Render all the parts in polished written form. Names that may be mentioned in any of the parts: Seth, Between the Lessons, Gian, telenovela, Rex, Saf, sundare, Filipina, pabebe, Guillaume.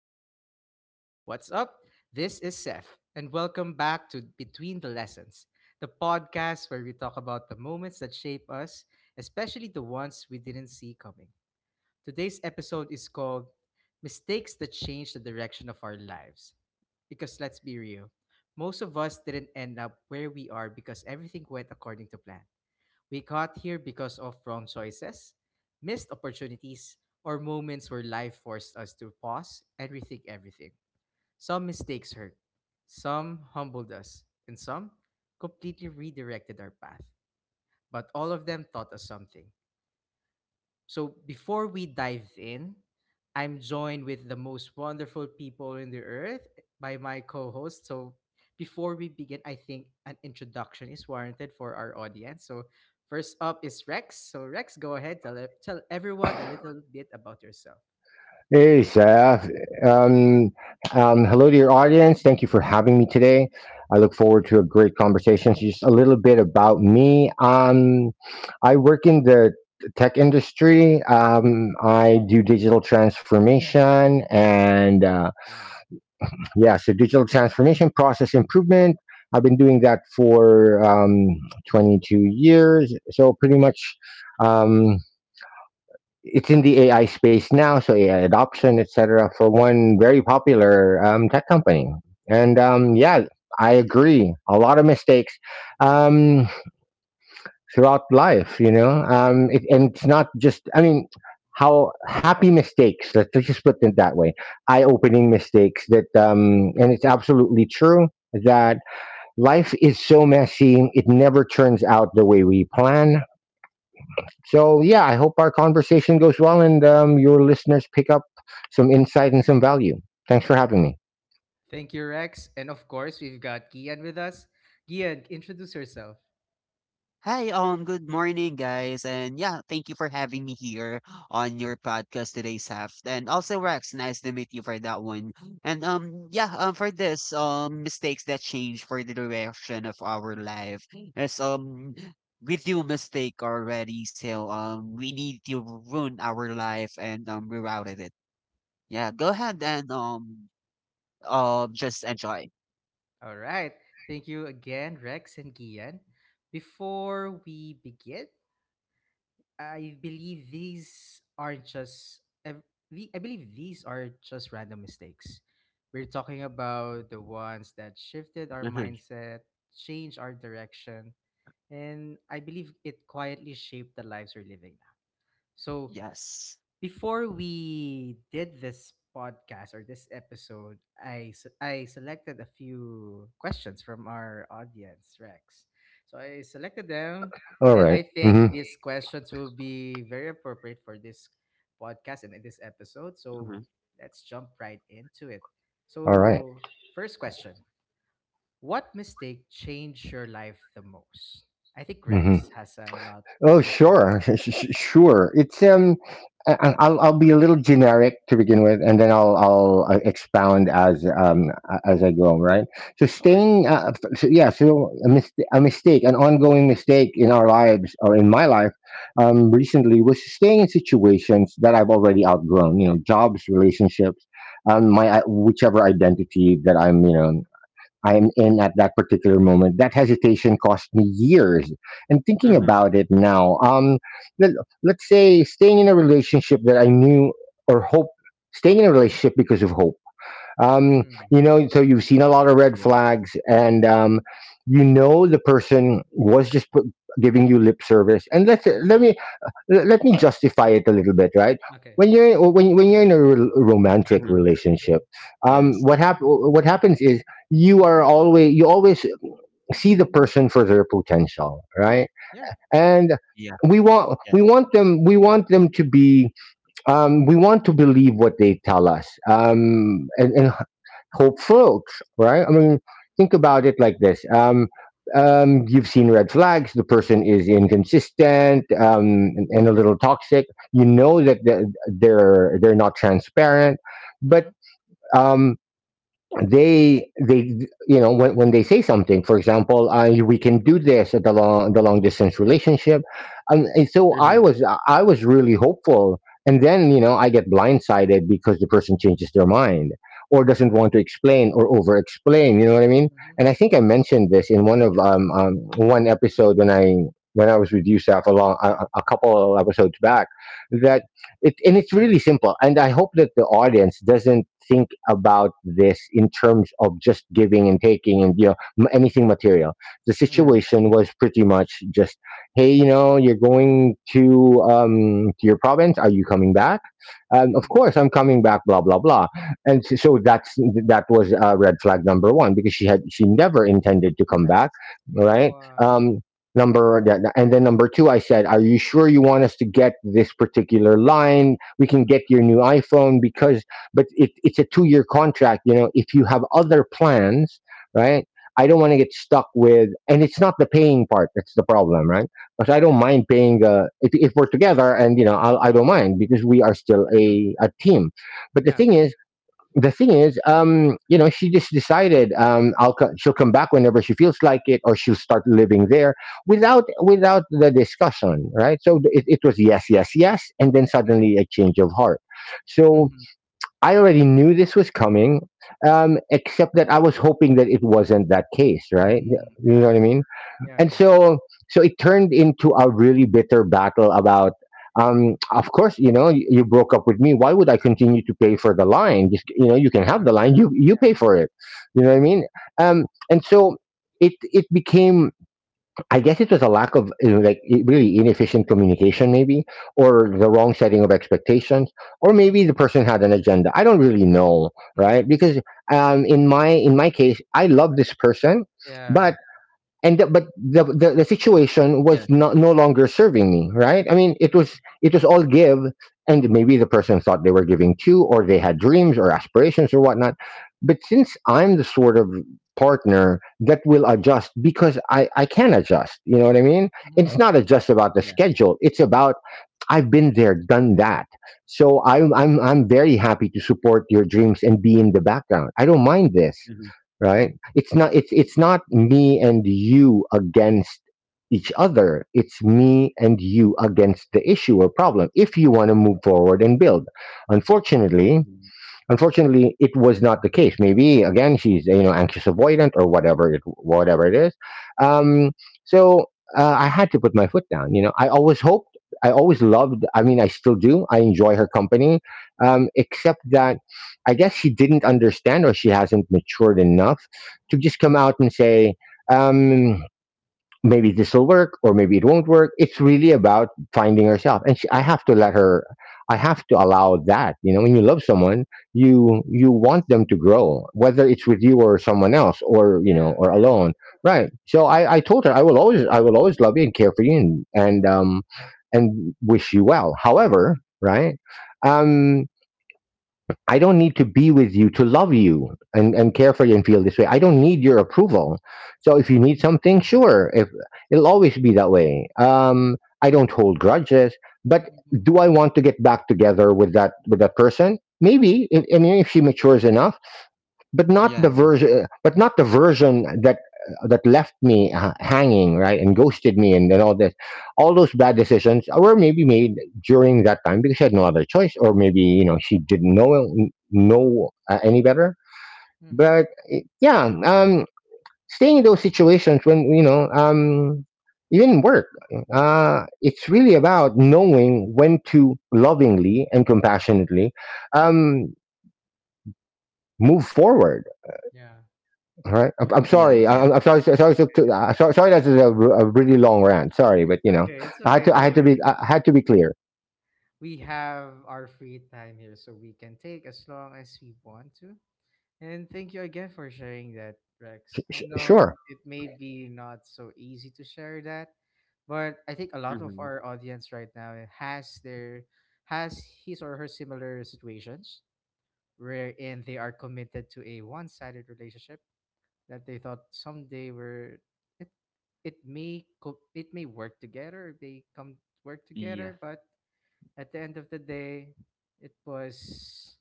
Hello everyone. What's up? This is Seth and welcome back to Between the Lessons, the podcast where we talk about the moments that shape us, especially the ones we didn't see coming. Today's episode is called Mistakes that Change the Direction of Our Lives. Because let's be real, most of us didn't end up where we are because everything went according to plan. We caught here because of wrong choices, missed opportunities, or moments where life forced us to pause and rethink everything. Some mistakes hurt, some humbled us, and some completely redirected our path. But all of them taught us something. So before we dive in, I'm joined with the most wonderful people in the earth by my co-host. So before we begin, I think an introduction is warranted for our audience. So first up is Rex. So Rex, go ahead, tell everyone a little bit about yourself. Hey, Seth. Um, hello to your audience. Thank you for having me today. I look forward to a great conversation. So just a little bit about me. I work in the tech industry. I do digital transformation and uh, Wow. yeah, so digital transformation process improvement. I've been doing that for 22 years. So pretty much. Um, it's in the AI space now, so AI adoption, etc., for one very popular tech company. And um, yeah, I agree. A lot of mistakes um, throughout life, you know. And it's not just, I mean, how happy mistakes. Let's just put it that way. Eye-opening mistakes that, and it's absolutely true that life is so messy. It never turns out the way we plan, so, yeah, I hope our conversation goes well and your listeners pick up some insight and some value. Thanks for having me. Thank you, Rex. And of course, we've got Gian with us. Gian, introduce yourself. Hi, good morning, guys, and yeah, thank you for having me here on your podcast today, Saf. And also, Rex, nice to meet you for that one. For this, mistakes that change for the direction of our life is, we do mistake already, so we need to ruin our life and rerouted it. Yeah, go ahead and just enjoy. All right. Thank you again, Rex and Gian. Before we begin, I believe these are just ev- I believe these are just random mistakes. We're talking about the ones that shifted our Mm-hmm. mindset, changed our direction, and I believe it quietly shaped the lives we're living now. So Yes. before we did this podcast or this episode, I selected a few questions from our audience, Rex. So I selected them, All and right. I think Mhm. these questions will be very appropriate for this podcast and in this episode. So Mm-hmm. let's jump right into it. All right. So first question: what mistake changed your life the most? I think Rex Mhm. has a lot of Oh, wisdom to sure, this. sure. It's I- I'll be a little generic to begin with, and then I'll expound as I go. Right. So No staying, worries. F- so, yeah. So a, mis- a mistake, an ongoing mistake in our lives or in my life, recently, was staying in situations that I've already outgrown. You know, jobs, relationships, whichever identity that I am in at that particular Mm-hmm. moment. That hesitation cost me years. And thinking Mm-hmm. about it now, let, let's say staying in a relationship that I knew or hope, staying in a relationship because of hope. Um, Mm-hmm. you know, so you've seen a lot of red Yes. flags, and you know the person was just giving you lip service. And let's Mm-hmm. let me l- let me justify it a little bit, right? Okay, When okay. you're when when you're in a romantic Mm-hmm. relationship, um, Yes. what hap- what happens is you always see the person for their potential, True. right? Yeah. And Yeah. we want we Yes. want them we want them to be we want to believe what they tell us, and hope folks, right? I mean, think Yeah. about it like this. You've seen red flags. The person is inconsistent and a little toxic. You know that they're not transparent, but Mm-hmm. um, they you know, when they say something, for example, we can do this at the long distance relationship, and so i Mhm. was i was really hopeful, and then you know I get blindsided because the person changes their mind or doesn't What? want to explain or over explain, you know what I mean. Mm-hmm. And I think I mentioned this in one of Yes. One episode when I when I was with you, Saf, Yeah. a couple episodes back, that, and it's really simple, and I hope that the audience doesn't think about this in terms of just giving and taking and anything material. The Mm-hmm. Mm. situation was pretty much just, hey, you know, you're going to your province, are you coming back? Of Mm. course I'm coming back, blah blah blah. So that's, that was red flag number one, because she never intended to come back, Yes. right? What? um, number that and then Number two, I said, are you sure you want us to get this particular line? We can get your new iPhone because, but it's a 2 year contract, you know, if you have other plans, right? I don't want to get stuck with, and it's not the paying part that's the problem, right? Because I don't Yeah. mind paying. If we're together, and you know, I don't mind because we are still Mhm. a team. But Yeah. The thing is, you know, she just decided, she'll come back whenever she feels like it, or she'll start living there without the discussion, right? So it was yes, yes, yes, and then Mm-hmm. suddenly a change of heart. So Mm-hmm. I already knew this was coming, except that I was hoping that it wasn't that case, right? Mm. You know Yeah. what I mean? Yeah. And Yeah. so, so it turned into a really bitter battle about, of course, you know, you broke up with me, why would I continue to pay for the line? Just, you know, you can have Yeah. the line, you Yeah. pay for it, you know what I mean. And so It became, I guess it was a lack of, you know, like really inefficient communication maybe, or the wrong setting of expectations, or maybe the Mm-hmm. person had an agenda, I don't really know, right? Mm-hmm. Because in my case, I love this person, but, Yeah. and the the situation was Yes, not no yes. longer serving me, right? I mean, it Mm-hmm. was it was all give, and maybe the person thought they were giving too, or they had dreams or aspirations or whatnot, but since I'm the sort of partner that will adjust, because I can adjust, you know what I mean. Mm-hmm. it's not Yeah. a- just about the Yeah. schedule, it's about, I've been there, done that. So I'm very happy to support your dreams and be in the background. I don't mind this, Mhm. Yeah. right? It's it's not me and you against each other. It's me and you against the issue or problem, if you want to move forward and build. Mm-hmm. Unfortunately, Mhm. Unfortunately, it was not the case. Maybe again, she's, you know, anxious avoidant, or whatever it is. Um, so I had to put my foot down. You know, I always hoped, I always loved. I mean, I still do. I enjoy her company, except that I guess she didn't understand, or she hasn't matured enough to just come out and say. Um, Maybe this will work, or maybe it won't work. It's really about finding herself, and I have to Yeah. let her, I have to allow that. You know, when you love someone, you want them to grow, whether it's with you or someone else, or you know, Yeah. or True. alone, right? So I told her, I will always, I will always love you and care for you, and wish you well, Mm. however, right? um I don't need to be with you to love you and care for you and feel this way. I don't need your approval. So if Yeah. you need something, sure. If, it'll always be that way. I don't hold grudges, but Mm-hmm. do I want to get back together with that person? Maybe. If, I mean, if she matures enough, but not Yeah, the yeah. Yeah. version, but not the version that that left me hanging, right, and ghosted me, and all this, all those bad decisions were maybe made during that time because she had no other choice, or maybe, you know, she didn't know any better. Mm-hmm. But eh, yeah, staying in those situations when you know, even work, it's really about knowing when to lovingly and compassionately um, move forward. Yeah. All right? I'm Yes, sorry. I- yes. I'm, I'm sorry. Sorry. Sorry. Sorry, that's a really long rant. Sorry, but It's you know, okay. It's I had okay. to. I No had to be. worry. I had to be clear. We have our free time here, so we can take as long as we want to. And thank you again for sharing that, Rex. I know Sure. it may be not so easy to share that, but I think a lot of Mhm. our audience right now has his or her similar situations wherein they are committed to a one-sided relationship that they thought someday were it it may co- it may work together, they come work Yeah. together, but at the end of the day, it was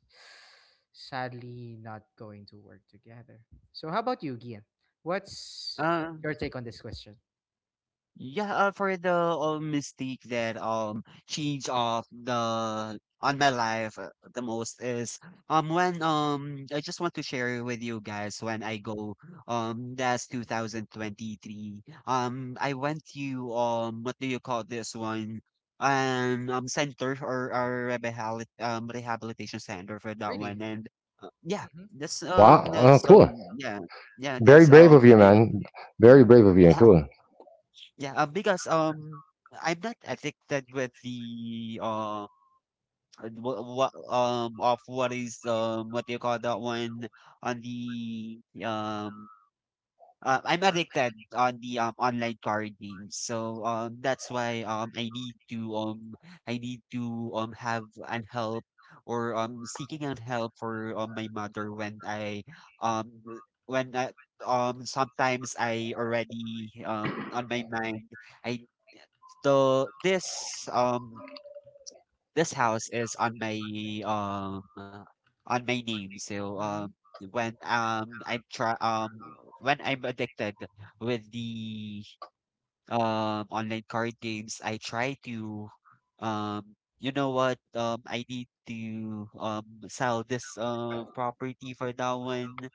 sadly not going to work together. So, how about you, Gian? What's Uh your take on this question? Yeah, for the mistake that change of the on my life, the most is when I just want to share with you guys when I go, that's 2023, I went to, what do you call this one, center or rehabilitation center for that one. Really? And yeah, Mm-hmm. that's Wow. Oh, cool. Yeah. Yeah, Very that's brave of you, my. man. Very Yeah. brave of you. Cool. Yeah, because, I'm not addicted with the, what of what is what do you call that one on the I'm addicted on the online card games. So that's why I need to have an help or seeking an help for, my mother when I, um when I sometimes I already on my mind. I, so this, this house is on my, um uh, on my name. So Mm-hmm. when um I'm try um when I'm addicted with the online card games, I try to, you know what, I need to sell this property for that one.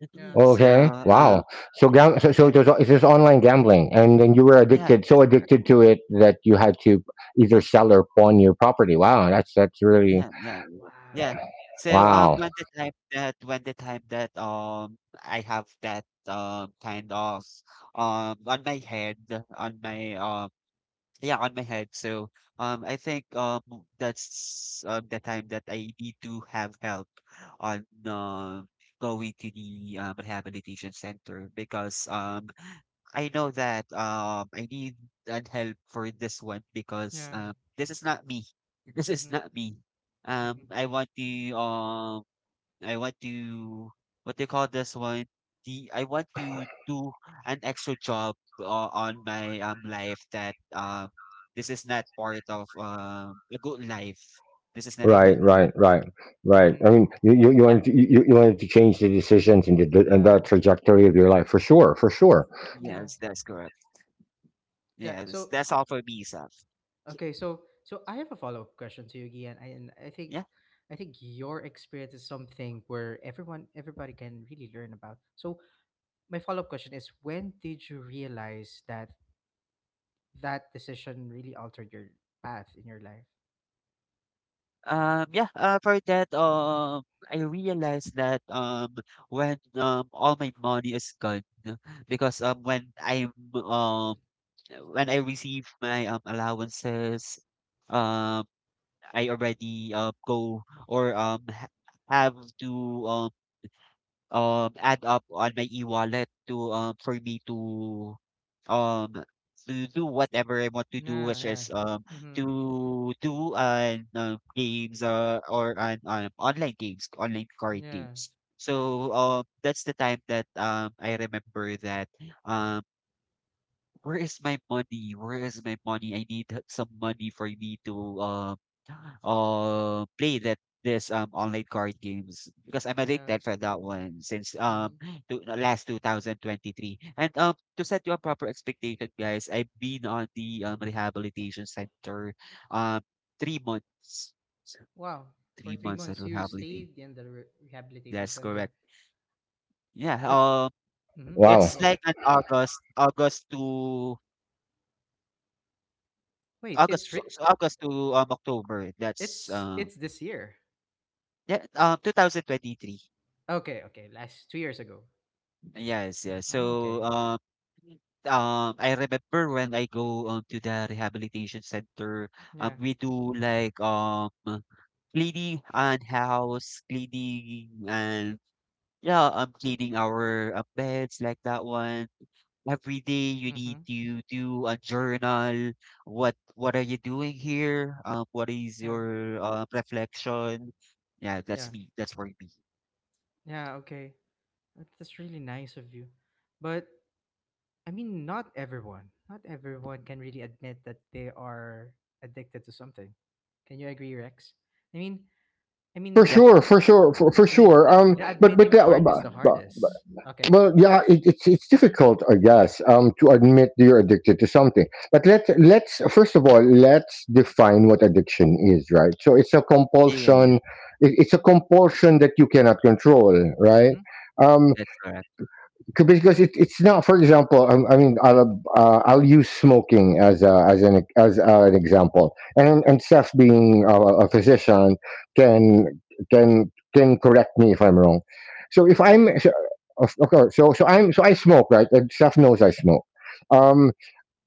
Yeah. So, Okay. um Wow. So, Yeah. so it yeah, was, it's just online gambling, and then you were yeah, addicted, so that's correct. addicted to it that you had to either sell or pawn your property. Wow. That's really Yeah, yeah, yeah. Yeah. Wow. So, wow. When the time that I have that kind of on my head, on my, yeah, on my head. So, I think that's the time that I need to have help on going to the rehabilitation center because I know that I need an help for this one because Yeah. This is not me. This is Mm-hmm. not me. Mm-hmm. Um I want to um I want to, what they call this one? The I want to do an extra job, on my, life that this is not part of a good life. This is not a Right. good Mm-hmm. Right. life. Right. Right. Mm-hmm. I mean, you Yeah. wanted to, you you wanted to change the decisions and and the Yeah. trajectory of your life, for sure. For sure. Yeah. Yes, that's correct. Yeah. Yes, So, that's all for me, Saf. okay. So, I have a follow up question to you, Gian. I, and I think, Yeah. I think your experience is something where everybody can really learn about. So, my follow-up question is when did you realize that that decision really altered your path in your life? Yeah, for that, I realized that, when, all my money is gone, because um, when I receive my, allowances, um, I already, go or have to, um add up on my e-wallet to, for me to um do whatever I want to do, Yeah, which yeah. is Mm-hmm. to do on, games, or on online games, online card Yeah, games. yeah, So that's the time that I remember that, um where is my money? Where is my money? I need some money for me to, um play that, this online card games, because I'm yeah. addicted for that one since, Mm-hmm. To last 2023. And, to set you a proper expectation, guys, I've been on the rehabilitation center um 3 months. Wow. For Three three months of months, you rehabilitation. stayed in the rehabilitation That's center. correct. Yeah. Uh, mm-hmm. Okay, Wow, It's go on. like an August to Wait, August, it's re- so August to, October, that's, it's this year. yeah, 2023. Okay, okay, last 2 years ago. Yes, yes. Oh, So, okay. I remember when I go, to the rehabilitation center, Yeah. we do like, cleaning and house cleaning and, yeah, cleaning our, beds like that one. Every day you need Mm-hmm. to do a journal. What are you doing here? What is Yeah. your, reflection? Yeah, that's Yeah. me. That's for me. Yeah. Okay. That's really nice of you, but I mean, not everyone can really admit that they are addicted to something. Can you agree, Rex? I mean, I for Yeah, mean, sure, for sure, for and then sure. the, the admitting part is the hardest. Okay. Well, yeah, it's difficult, I guess, to admit that you're addicted to something. But let's first of all let's define what addiction is, right? So Yeah. it's a yeah, yeah, yeah. compulsion. It, it's a compulsion that you cannot control, right? Mm-hmm. Um, That's correct. because it's not, for example, I mean I'll use smoking as a, as an example, and Seth being a physician can can can correct me if I'm wrong. So if I'll go I'm for it. so, of course, so so I'm so I smoke, right, and Steph knows I smoke. Yeah. um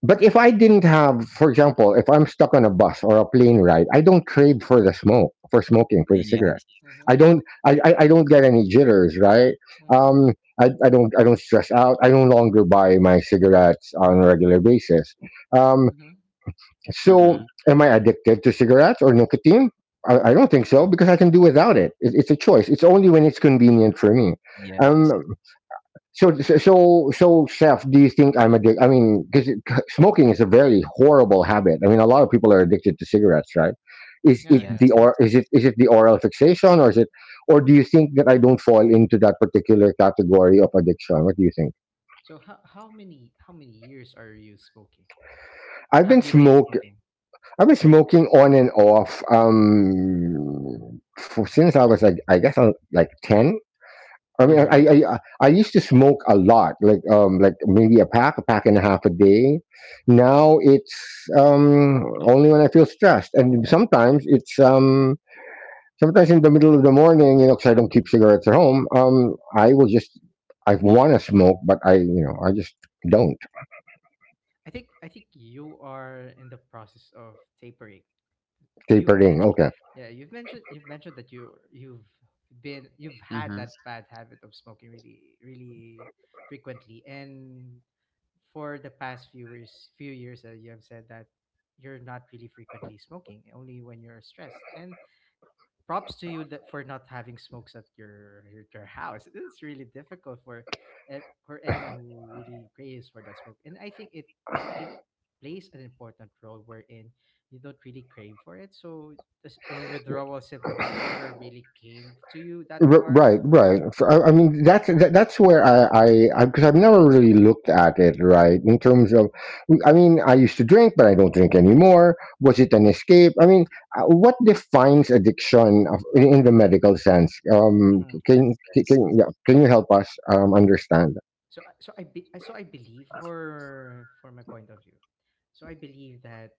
but if I didn't have, for example, if I'm stuck on a bus or a plane ride, I don't crave for the smoke, for smoking, for the cigarette. Yes. Mm-hmm. I don't, I don't get any jitters, right? Mm-hmm. Um, I don't, I don't stress out. I no longer buy my cigarettes on a regular basis. Um, Mm-hmm. so Mm-hmm. am I addicted to cigarettes or nicotine? I don't think so because I can do without it. It's a choice. It's only when it's convenient for me. Yes. Um, so, chef, do you think I'm addicted? I mean, because smoking is a very horrible habit. I mean, a lot of people are addicted to cigarettes, right? Is Yeah. it Yeah. Yes. the Yeah. or Yes. is it is it the oral fixation, or is it, or do you think that I don't fall into that particular category of addiction? What do you think? So how many years are you smoking? I've been Have you been smoke. smoking? I've been smoking on and off for, since I was I guess I was like ten. I mean, I, Mm-hmm. I Mm-hmm. I I used to smoke a lot, like maybe a pack and a half a day. Now it's only when I feel stressed, and sometimes it's sometimes in the middle of the morning, you know, because I don't keep cigarettes at home. I will just I want to smoke, but I you know I just don't. I think you are in the process of tapering. you've Tapering. mentioned Okay. you've mentioned that you've had Mm-hmm. that bad habit of smoking really frequently, and for the past few years, you have said that you're not really frequently smoking, only when you're stressed, and props to you that for not having smokes at your house. It's really difficult for for anyone who really craves for that smoke. And I think it plays an important role wherein you don't really crave for it. So the withdrawal symptoms never really came to you that hard. Right, I mean that's that's where I because I've never really looked at it right in terms of I mean I used to drink but I don't drink anymore. Was it an escape? I mean what defines addiction in the Mm-hmm. medical sense? Mm-hmm. Yes. Yes. Can you help us understand? So I believe for my point of view. So I believe that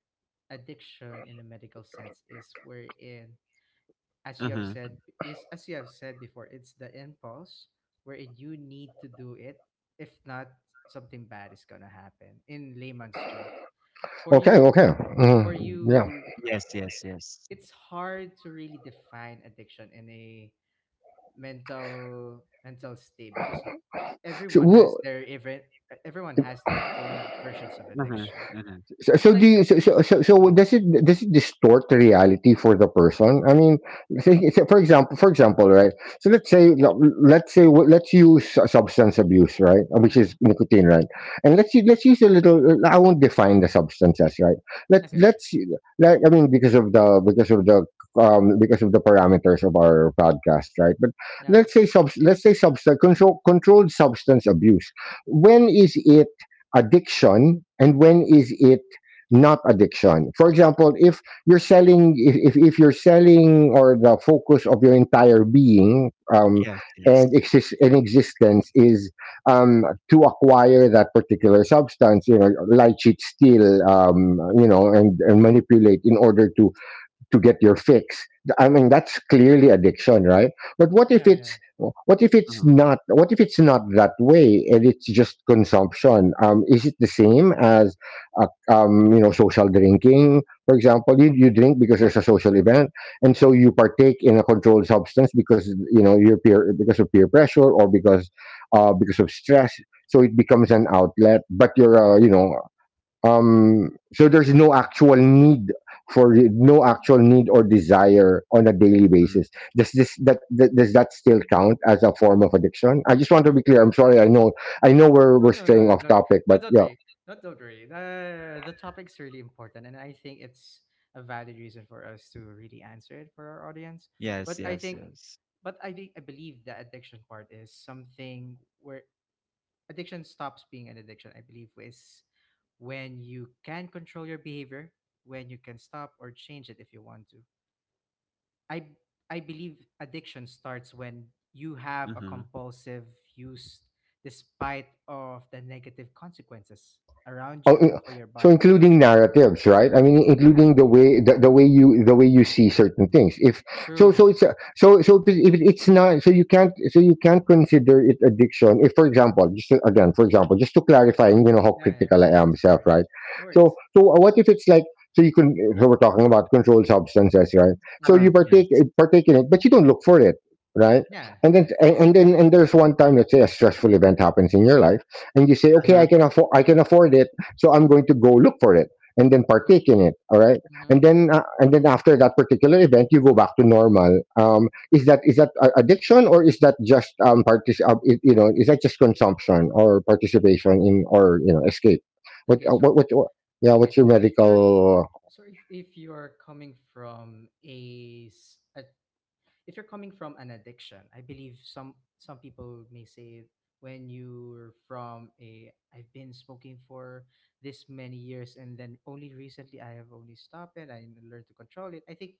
addiction in a medical sense is wherein, as you have Mm-hmm. said as you have said before, it's the impulse wherein you need to do it, if not something bad is gonna happen, in layman's term, for Okay, you okay. for Mhm. Yeah. you Yes. Yes. Yes. it's hard to really define addiction in a mental state because so everyone has we'll, their even everyone has their own versions of Mm-hmm. addiction. Mm-hmm. So, It's like, so so mm, does it distort the reality for the person? I mean, for example, right? So let's say let's say let's use substance abuse, right? Which is mm-hmm. nicotine, right? And let's use a little. I won't define the substances, right? Okay, okay. Let's like I mean because of the because of the parameters of our podcast, right? But Yeah, let's say substance control controlled substance abuse. When is it addiction and when is it not addiction? For example, if you're selling, if you're selling or the focus of your entire being Yes. Yes. And existence is um, to acquire that particular substance, you know, lie, cheat, steal, you know, and manipulate in order to get your fix. I mean that's clearly addiction, right? But what if yeah, yeah. it's Mm-hmm. What if it's not that way and it's just consumption? Is it the same as you know social drinking, for example? You Yeah, drink because there's a social event and yeah, so you partake in a controlled substance because you know your peer because of peer pressure or because of stress, so it becomes an outlet, but you're yeah. You know, so there's no actual need for no actual need or desire on a daily Mm-hmm. basis. Does that, does that still count as a form of addiction? I just want to be clear. I'm sorry, I know No, we're no, no, straying no, off no, topic, no, but don't yeah. worry. Not don't worry. The topic's really important, and I think it's a valid reason for us to really answer it for our audience. Yes. But I Yes. think, Yes. but I think, I believe the addiction part is something where addiction stops being an addiction. I believe is when you can control your behavior, when you can stop or change it if you want to. I I believe addiction starts when you have a Mm-hmm. compulsive use despite of the negative consequences around Oh, you and for your so body. including narratives, right? I mean, Yeah, including yeah. The way you see certain things. If so, True. So if it's not, so you can't consider it addiction. If, for example, again, for example, just to clarify, and you know how Yeah, yeah. critical No I am worries. No myself, worries. right? No So worries. What if it's like so you can, so we're talking about controlled substances, right? So Mm-hmm, Uh-huh. you mm-hmm. Yes. partake in it, but you don't look for it, right? Yeah, yeah. And then and there's one time, let's say, a stressful event happens in your life, and you say, okay, Uh-huh. I can afford it, so I'm going to go look for it and then Mm-hmm, partake in it, all right mm-hmm. And then after that particular event you go back to normal. Is that addiction, or is that just you know, is that just consumption or participation in, or you know, escape? Okay, so What, yeah, okay, what's your so if you're medical? so if, if you're coming from a, s- a if you're coming from an addiction, I believe some people may say, when you're from a, I've been smoking for this many years and then only recently I have only stopped it. I learned to control it. I think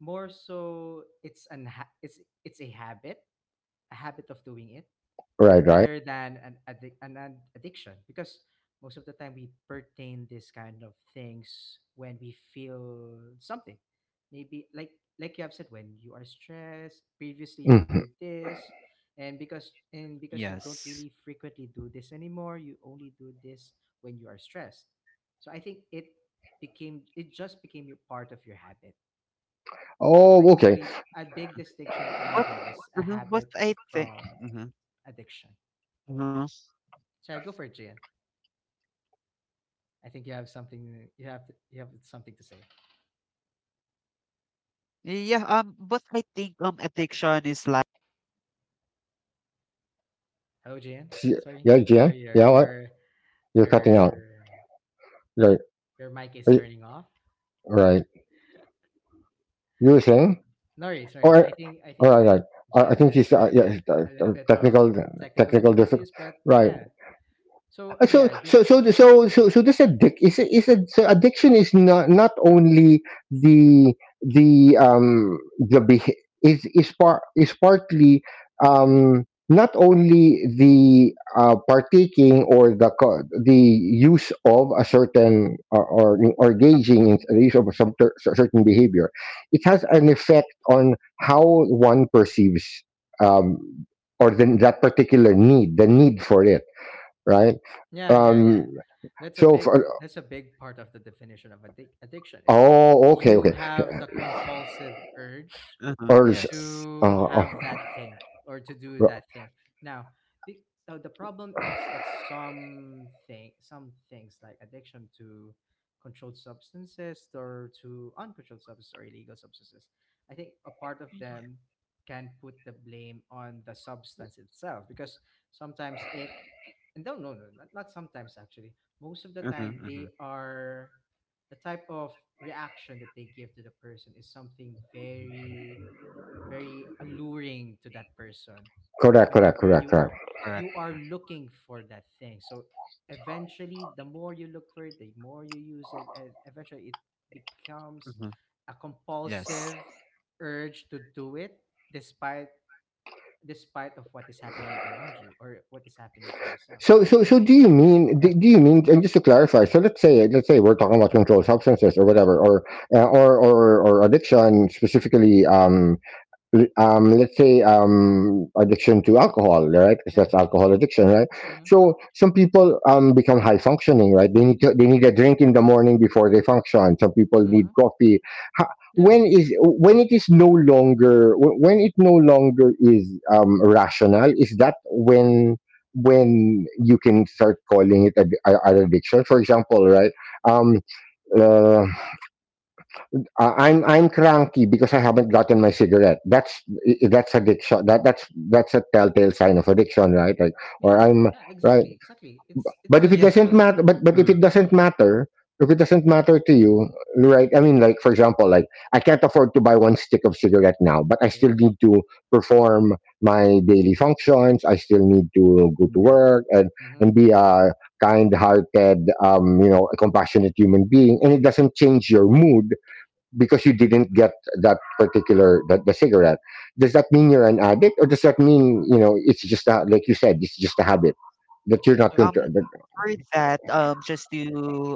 more so it's an ha- it's a habit of doing it, Right, right. rather than an addiction, because most of the time we pertain this kind of things when we feel something, maybe like you have said, when you are stressed previously you Hmm. do this, and because you don't Yes. really frequently do this anymore, you only do this when you are stressed. So I think it just became your part of your habit. So I Oh, okay. believe a big distinction from But, there is a uh-huh. But habit I think. from Mm-hmm. addiction. Uh-huh. So I go for it, Gian. I think you have something. You have something to say. Yeah, but I think addiction is like. Hello, JN. Yes, Sorry, yeah, Jen, sorry. Your yeah, what? You're your cutting out. Right. Mic is Right. turning off. Right. You were saying? No worries, no worries. Alright, I think alright, right. I JN I think has a he's, little yeah, bit he's, a little bit of technical. technical Technical diffi— difficulties, but right. yeah. So, So yeah. that's so so so so so this so addiction is not not only the the is part is partly um not only the partaking or the use of a certain, or engaging in the use of some certain behavior. It has an effect on how one perceives, um, or then that particular need, the need for it, right? yeah yeah yeah. Um, That's a so, big for, that's a big part of the definition of addiction is oh, okay, you okay. have the compulsive urge Uh-huh, Or, is— yes. to uh, uh, have that thing or to do that thing. Now, the the problem is that some things like addiction to controlled substances, or to uncontrolled substances, or illegal substances, I think a part of Yeah. them can put the blame on the substance itself because sometimes it and no, no, no, not sometimes, actually most of the Uh-huh, time uh-huh. they are, the type of reaction that they give to the person is something very, very alluring to that person. correct, correct, Whenever correct, you correct. are Correct, you are correct. looking for that thing, so eventually the more you look for it, the more you use it, and eventually it becomes Uh-huh. a Yes. compulsive urge to do it despite despite of what is happening around you or what is happening to yourself. So, so, so, do you mean? Yeah. Do you mean? And just to clarify, so let's say we're talking about controlled substances or whatever, or or addiction specifically. Let's say addiction to alcohol, right? Because Yeah. that's alcohol addiction, right? Mm-hmm. So some people, become high functioning, right? They need a drink in the morning before they function. Some people need Mm-hmm. coffee. Yeah, When is, when it is no longer, when it no longer is, rational? Is that when you can start calling it a, an addiction? For example, right? Um, uh, I'm cranky because I haven't gotten my cigarette. That's, that's addiction. That's a telltale sign of addiction, right? Like, or yeah, I'm yeah. right. Exactly, exactly. It's But a if it Yeah. doesn't literal defi- matter, but if Uh-huh. it doesn't matter, if it doesn't matter to you, right? I mean, like for example, like I can't afford to buy one stick of cigarette now, but I Okay. still need to perform my daily functions. I still need to go to Yes. work Mm-hmm. and be a kind-hearted, you know, a compassionate human being, and it doesn't change your mood because you didn't get that particular, that the cigarette. Does that mean you're an addict, or does that mean, you know, it's just a, like you said, it's just a habit that you're Okay, not so going to Um that— For that, just to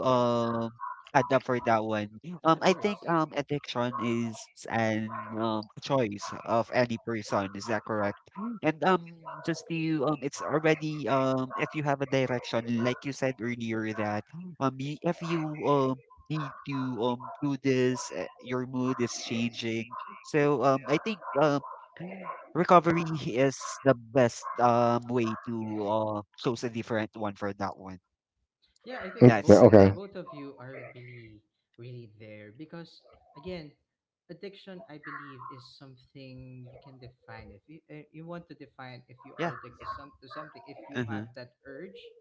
um add up for that one, yeah. I No think worries. Addiction is an choice of any person. Is that correct? Mm. And, just to it's already, if you have a direction, like you said earlier, that, if you need to do this, your mood is changing. So, I think recovery is the best way to choose a different one for that one. Yeah, I mm, think That's both okay. the. both of you are really, really there because again, addiction I believe is something you can define. If you want to define if you Yeah. are addicted to some to something, if you Mm-hmm. have that urge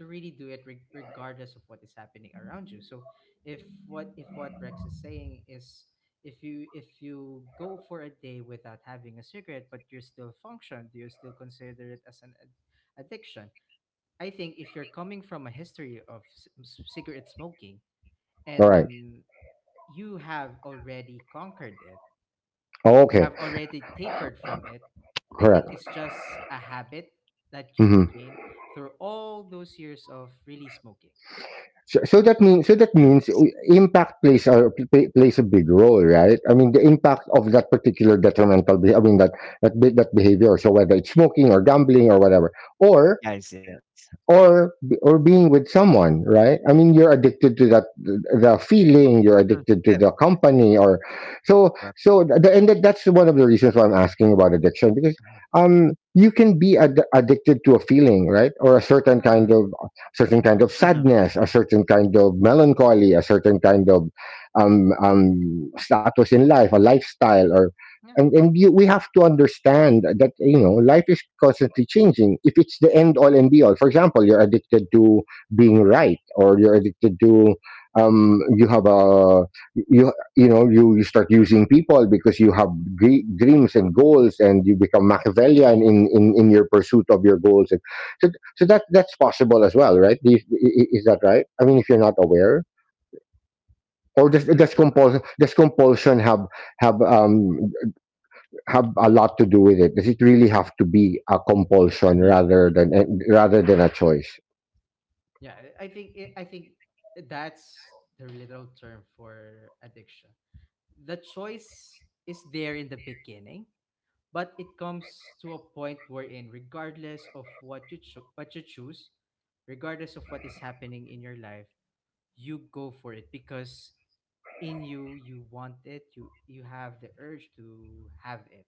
to really do it, regardless of what is happening around you. So if what Rex is saying is, if you go for a day without having a cigarette but you still function, do you still consider it as an addiction? I think if you're coming from a history of cigarette smoking all right and you have already conquered it, oh, you okay. have already tapered from it, I think Correct. it's just a habit that you've Hmm. gained through all those years of really smoking. So, so that means, so that Yes. means, impact plays a big role, right? I mean the impact of that particular detrimental I mean that that behavior, so whether it's smoking or gambling or whatever, or Yes. Yes. Or being with someone, right? I mean you're addicted to that the feeling, you're Mhm, addicted yes. to the company, or so, Correct. so the, and that's one of the reasons why I'm asking about addiction, because Mhm. You can be addicted to a feeling, right? Or a certain kind Yeah, of, certain kind of Mm-hmm. sadness, a certain kind of melancholy, a certain kind of status in life, a lifestyle. yeah, And and you, we have to understand that, you know, life is constantly changing. If it's the end all and be all, for example, you're addicted to being right, or you're addicted to you have a, you know, you start using people because you have dreams and goals and you become Machiavellian in your pursuit of your goals, and so, so that, that's possible as well, right? Is that right? I mean, if you're not aware, or but it- does compulsion, does compulsion have um, have a lot to do with it? Does it really have to be a compulsion Mm-hmm. rather than rather than a choice? yeah, I think that's the literal term for addiction. The choice is there in the beginning, but it comes to a point wherein regardless of what you what you choose, regardless of what is happening in your life, you go for it because in you want it, you have the urge to have it.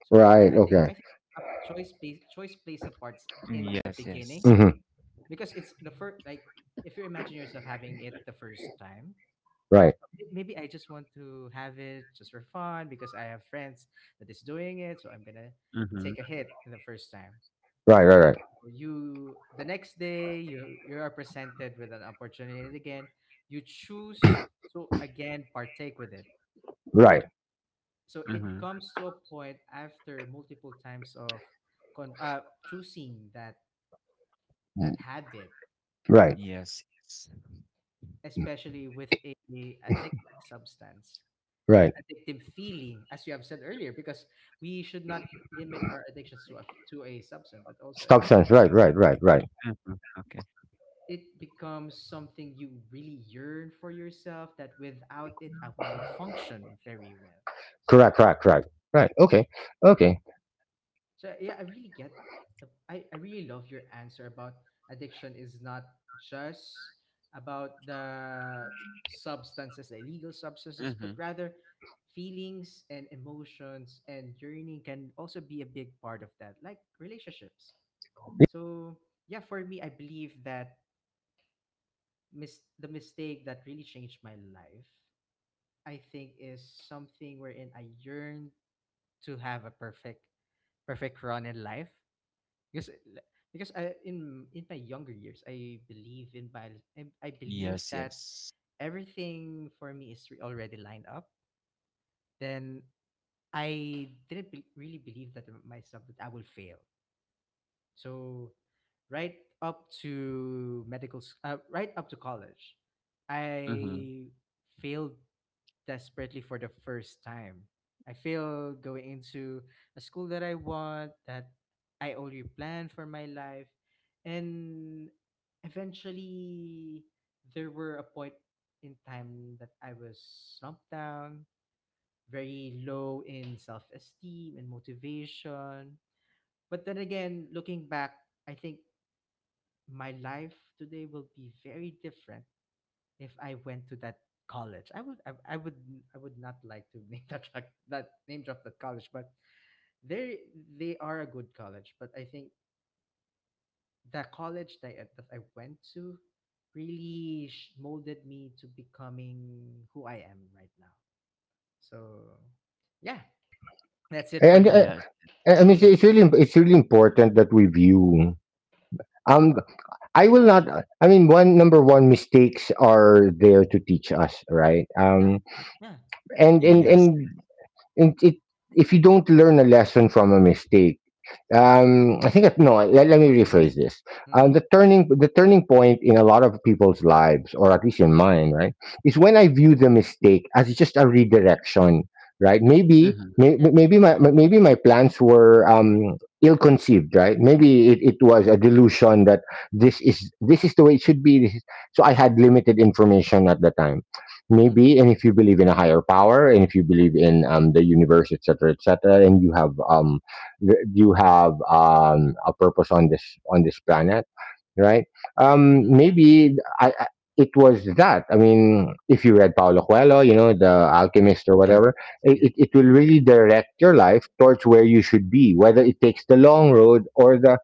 So I- yeah Right. i think Okay. i think a choice plays a part Mm, in the yes. beginning Yes. Hmm. because it's the first, like, if you imagine yourself having it the first time, Right. maybe I just want to have it just for fun because I have friends that is doing it, so I'm gonna Mm-hmm. take a hit the first time. Right. Right. Right. So you the next day you are presented with an opportunity again. You choose to again partake with it. Right. So Mm-hmm. it comes to a point after multiple times of choosing that that habit, Right. Yes. especially with a addictive substance and Right. addictive feeling as you have said earlier, because we should not limit our addictions to a substance but also a Stock sense. feeling. Right. Right. Right. Right. Mm-hmm. Okay. It becomes something you really yearn for yourself, that without it I will not function very well. So Correct. yeah. Correct. Right. Right. Okay. so Okay. So yeah, I really get the I really love your answer about addiction is not just about the substances, the illegal substances, but Mm-hmm. rather feelings and emotions and yearning can also be a big part of that, like relationships. So yeah, for me, I believe that the mistake that really changed my life, I think, is something wherein I yearned to have a perfect run in life, because because in my younger years I believe in bio, I believe Yes. that Yes. everything for me is already lined up. Then I didn't really believe that myself, that I will fail. So right up to right up to college, Mm-hmm. I failed desperately for the first time. I failed going into a school that I want, that I already planned for my life, and eventually there were a point in time that I was slumped down, very low in self esteem and motivation, but then again, looking back, I think my life today will be very different if I went to that college. I would not like to that name drop that college, but they they are a good college. But I think the college that that I went to really molded me to becoming who I am right now. So, yeah, that's it. And uh, Yes. and it's really, it's really important that we view. Um, I will not. I mean, one, number one, mistakes are there to teach us, right? And and Yes. and, and it, if you don't learn a lesson from a mistake, I think it, no. Let, let me rephrase this. The turning, the turning point in a lot of people's lives, or at least in mine, right, is when I view the mistake as just a redirection. Right? Maybe Mm-hmm. Maybe my, maybe my plans were ill conceived. Right? Maybe it, it was a delusion that this is, this is the way it should be. This is, so I had limited information at the time. Maybe, and if you believe in a higher power, and if you believe in the universe, etc., etc., and you have you have a purpose on this, on this planet, right? Maybe I, I, it was that. I mean, if you read Paulo Coelho, you know, the Alchemist or Yes. whatever, Yes. It will really direct your life towards where you should be, whether it takes the long road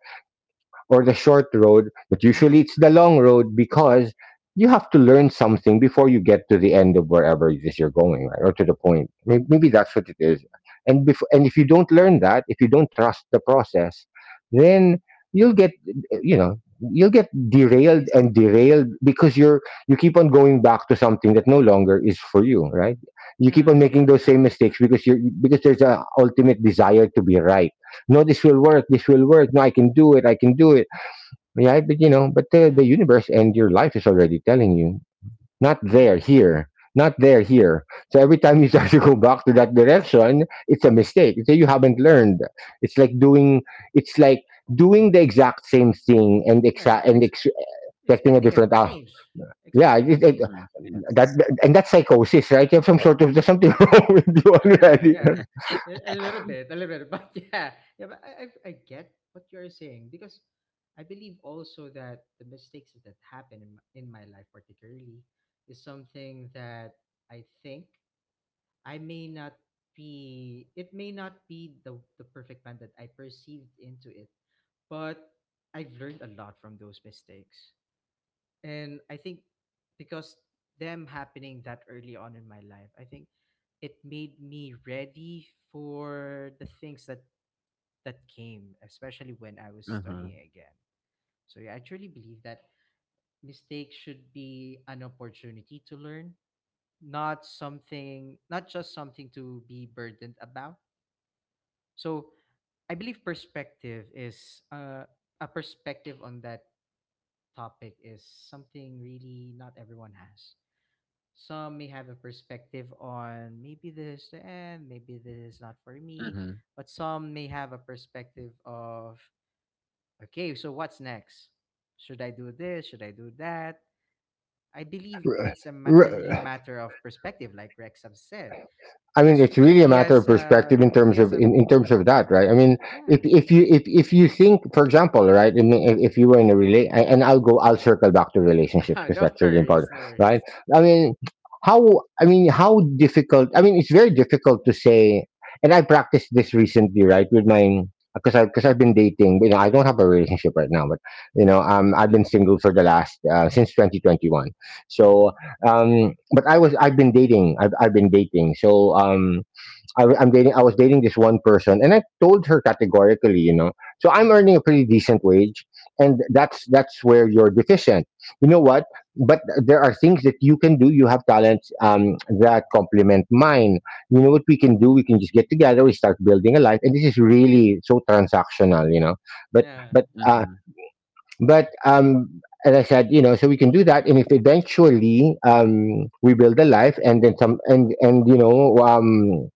or the short road, but usually it's the long road because you have to learn something before you get to the end of wherever it is you're going, right? Or to the point. Maybe that's what it is. And if you don't learn that, if you don't trust the process, then you'll get you know you'll get Yes. derailed Yes. and derailed because you keep on going back to something that no longer is for you, right? You keep Yeah, on making those yeah, same mistakes because there's a ultimate desire to be right. No, this will work, this will work. No, I can do it, I can do it. Yeah, but you know, but the yeah, universe and your life is already telling you, not yeah, there, here, not there, here. So every time you start to go back to that direction, it's a mistake. So you haven't learned. It's like doing, it's like doing the exact same thing and yeah. exa- and ex- expecting a Expecting a different. Change, Yeah, expecting a it, change. Mm-hmm. that Yes. and that's psychosis, right? You have some sort of There's something wrong with you already. Yeah, a a little bit, but yeah, yeah. But I get what you're saying, because I believe also that the mistakes that happen in in my life, particularly, is something that I think I may not be. It may not be the perfect plan that I perceived into it, but I've learned a lot from those mistakes. And I think, because them happening that early on in my life, I think it made me ready for the things that that came, especially when I was Mm-hmm. studying again. So yeah, I truly believe that mistakes should be an opportunity to learn, not something, not just something to be burdened about. So I believe perspective is a perspective on that topic is something really not everyone has. Some may have a perspective on maybe this is the end, maybe this is not for me, Mm-hmm. but some may have a perspective of, okay, so what's next? Should I do this? Should I do that? I believe it's a, a really R- matter of perspective, like Rex have said, I mean, because it's really a he matter of has a perspective in he terms has of a in terms of that, right? I mean, yeah. If you think, for example, right, I mean, if you were and I'll circle back to relationships because No that's really worries, important, no right? worries. I mean, how I mean, how difficult? I mean, it's very difficult to say, and I practiced this recently, right, with my because I've been dating, you know. I don't have a relationship right now, but you know, I've Mm-hmm. been single for the last since 2021, so Mm-hmm. But I've been dating. I've been dating, so I was dating this one person, and I told her categorically, you know, so I'm earning a pretty decent wage, and that's where you're deficient, you know what? But there are things that you can do. You have talents, that complement mine. You know what we can do? We can just get together, we start building a life, and this is really so transactional, you know. But Yeah, but yeah, uh, Mm-hmm. but um, as I said, you know, so we can do that, and if eventually we build a life, and then some, and you know,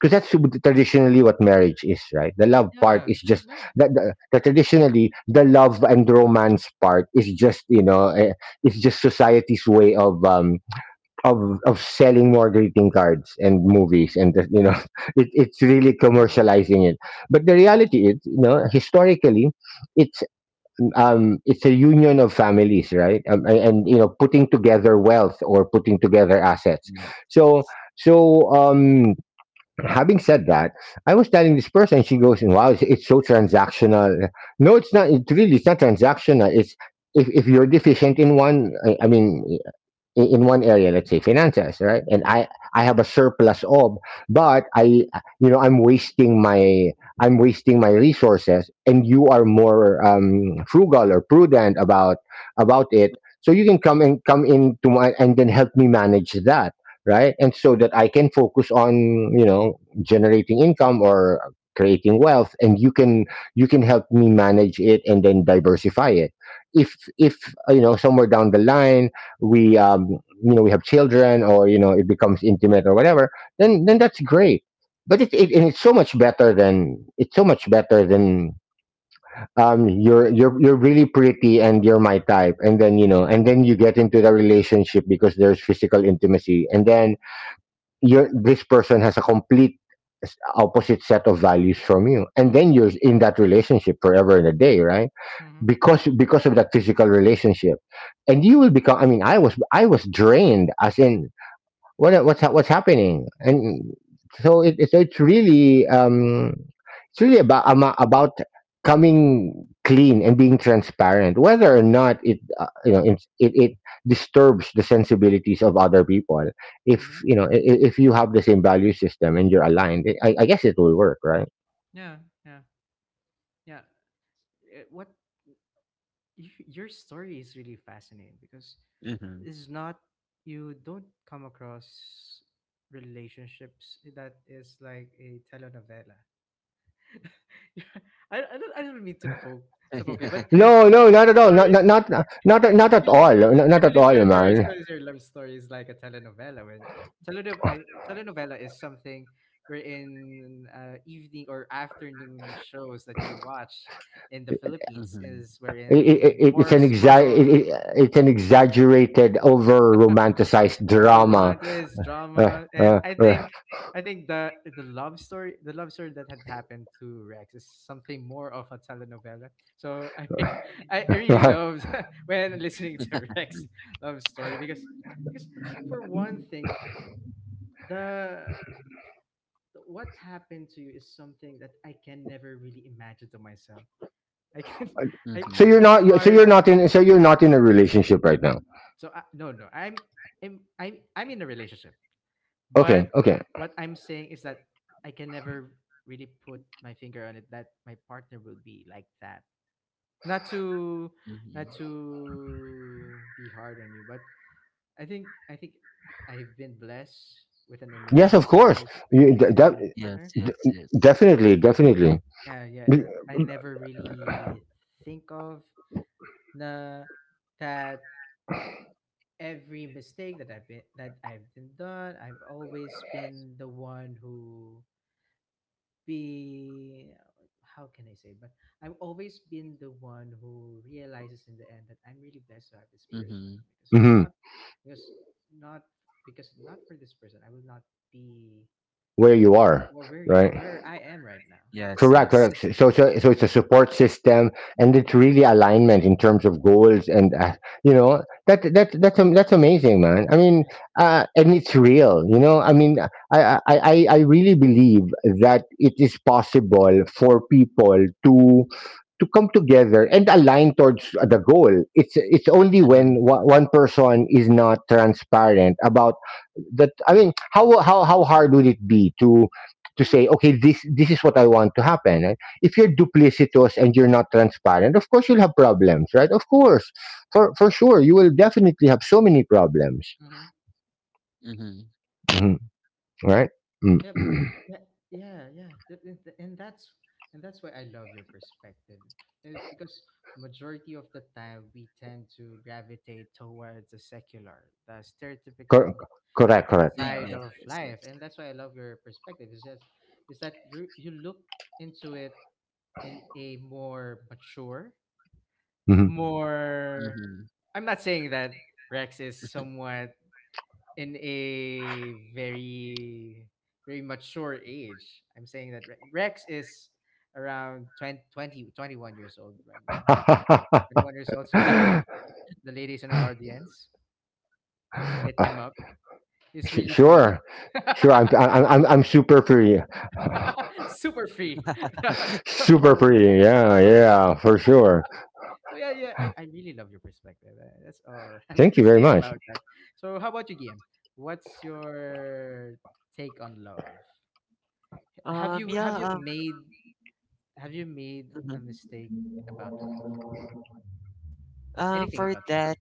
because that's traditionally what marriage is, right? The love part yeah, is just yeah. that the traditionally the love and romance part is just, you know, it's just society's way of of of selling more greeting cards and movies, and just, you know, it's really Mm-hmm. commercializing it. But the reality is, you know, historically, it's it's a union of families, right? And, you know, putting together wealth or putting together assets. Yeah. So, so having said that, I was telling this person. She goes, "Wow, it's so transactional." No, it's not. It's really, it's not transactional. It's if you're deficient in one, I mean, in one area, let's say finances, right? And I have a surplus of, but I, you know, I'm wasting my I'm wasting my resources, and you are more frugal or prudent about it, so you can come and come into my, and then help me manage that, right? And so that I can focus on, you know, generating income or creating wealth, and you can, you can help me manage it and then diversify it. If you know, somewhere down the line we you know, we have children, or you know, it becomes intimate or whatever, then that's great. But it's so much better than you're you're really pretty, and you're my type, and then you know, and then you get into the relationship because there's physical intimacy, and then you're this person has a complete opposite set of values from you, and Mm-hmm. then you're in that relationship forever and a day, right? Mm-hmm. Because of that physical relationship, and you will become, I mean, I was drained, as in, what's happening. And so it, so it's really about coming clean and being transparent whether or not it you know, it disturbs the sensibilities of other people. If Mm-hmm. you know, if you have the same value system and you're aligned, I guess it will work, right? Yeah, yeah, yeah. What? Your story is really fascinating because Mm-hmm. it's not, you don't come across relationships that is like a telenovela. Yeah, I don't mean to poke it, but your No, love no, not at all. Not stories, not not not not I at believe, all. Not I not at believe all, for man. yourself, your love story is like a telenovela. When telenovela, telenovela is something wherein evening or afternoon shows that you watch in the Philippines Mm-hmm. is wherein, It's an more so, it's an exaggerated, over romanticized over drama. romantics, Uh, drama, uh, and I uh, think the love story, that had happened to Rex is something more of a telenovela. So I really right. loved when listening to Rex love story because because for one thing, the what happened to you is something that I can never really imagine to myself. I can I So Mhm, you're it's not, so hard. you're not in, so you're not in a relationship right now. So I, no, I'm I'm in a relationship. Okay, But okay. what I'm saying is that I can never really put my finger on it that my partner will be like that. Not to not mhm. to be hard on you, but I think I've been blessed with an Yes, of course. You, de- de- amazing Yes, partner. de- yes, yes. definitely, definitely. Yeah, yeah. That I never really think of the that every mistake that I've been done, I've always been the one who be, how can I say? But I've always been the one who realizes in the end that I'm really blessed to have this person, Mhm. because Hmm. not because not because not for this person I will not be, Where you are, well, right? where I am right now. Yes, Correct, yes. Correct. The So, so, decision so that it's I a have. support system, and Yeah, it's yeah, really alignment in terms of goals, and you know, that that yeah, that's that's amazing, man. I yeah, mean, and it's real, you know. I mean, I really believe that it is possible for people to come together and align towards the goal. It's only Mhm, when one, one person is not transparent about that, I mean, how hard would it be to say, okay, this is what I want to happen, right? If you're duplicitous and you're not transparent, of course you'll have problems, right? Of course, for sure you will definitely have so many problems. mhm, mhm. yeah. Mhm. Right. Mm. Yeah, but- yeah, And that's, why I love your perspective. Eh, because majority of the time we tend to gravitate towards the secular, the Cor- stereotypical correct, correct. Eh, side yes, of yes, life, yes. and that's why I love your perspective. It's just is that you look into it in a more mature, Mhm. more. Mhm. I'm not saying that Rex is somewhat in a very very mature age. I'm saying that Rex is around 20 20 twenty 1 year old right now. 21 years old. So Ah, the ladies in our audience, hit him up. He's really free. sure, sure. I'm super free. Super free. Super Oh, free, yeah, yeah, for sure. so yeah, yeah. I really love your perspective. That's all I'm Thank gonna you very say much. about that. So how about you, Guillaume? What's your take on love? Yeah, Have you made mhm. a mistake about love? Anything For about that,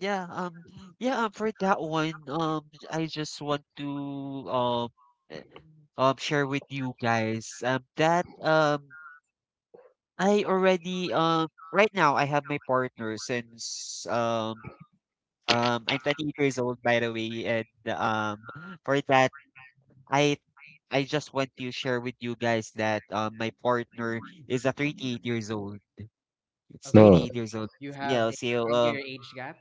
yeah, yeah, for that one, I just want to, um, eh, share with you guys that I already, right now I have my partner since, I'm 28 years old, by the way, and for that, I I just want to share with you guys that, my partner is a 38 years old. It's love? Okay, No. so 38 years old. you have Yeah, a so 10-year age gap.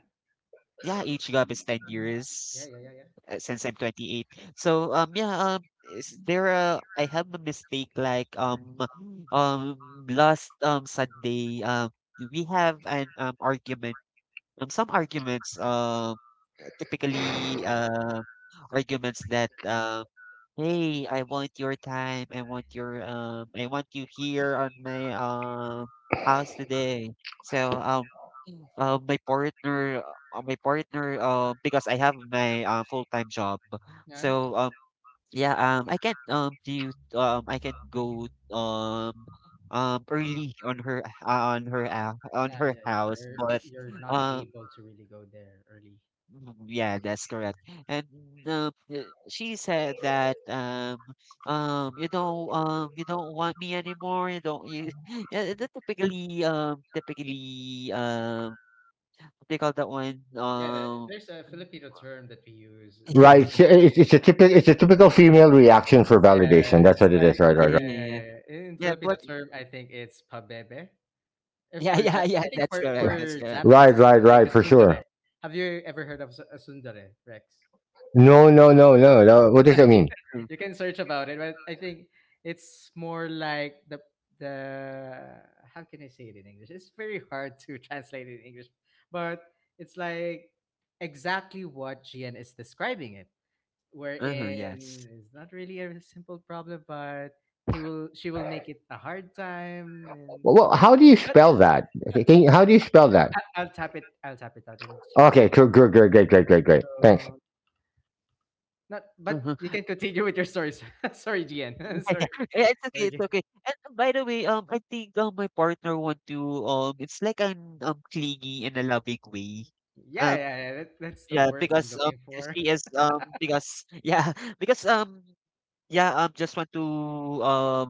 yeah, age gap is 10 Uh, yeah, years, yeah, yeah, yeah. Since I'm 28. So yeah, is there a, I have a mistake like, um last, Sunday, we have an, argument, some arguments, typically arguments that, hey, I want your time. I want your, I want you here on my, house today. So, uh, my partner my partner, because I have my, full-time job. Yeah, So yeah, I can go um early on her, on yeah, her yeah, yeah. house, You're eh, but you're not um. able to really go there early. Mm. Yeah, that's correct. And, um, uh, she said that, you don't want me anymore. You don't you Yeah, the typically, what they call that one, Yeah, there's a Filipino term that we use. yeah, Right, yeah, so I think It's, it- it's a It's typical, like, it's a typical female reaction for yeah, validation. That's it's what it is. like, Right. Right. yeah, yeah, yeah, yeah, yeah, yeah. In yeah, Filipino but term, I think it's pabebe. And yeah, for yeah, yeah, I think that's correct, Right. that's for correct. Japanese, Right. it's Right. like a Right. For sure. sundare. Have you ever heard of a sundare, Rex? No. No. No. No. No. What does that mean? uh, You can search about it, but I think it's more like the how can I say it in English? It's very hard to translate it in English, but it's like exactly what GN is describing it, uh-huh, yes. wherein it's not really a simple problem, but he will, she will make it a hard time, and Well, how do you but spell that? Okay, can you, how do you spell that? I'll tap it. I'll tap it out in the Okay. chat. Good. Good. Great. Great. Great. Great. Great. Thanks. So not, but Uh-huh. you can continue with your stories. Sorry, GN. Sorry, Yeah, it's okay, it's sorry. okay. And, by the way, I think, my partner want to, it's like an, clingy in a loving way. Yeah, Um, yeah, yeah. That, that's the yeah, words I'm because, looking for. she is, because yeah, because, yeah, just want to um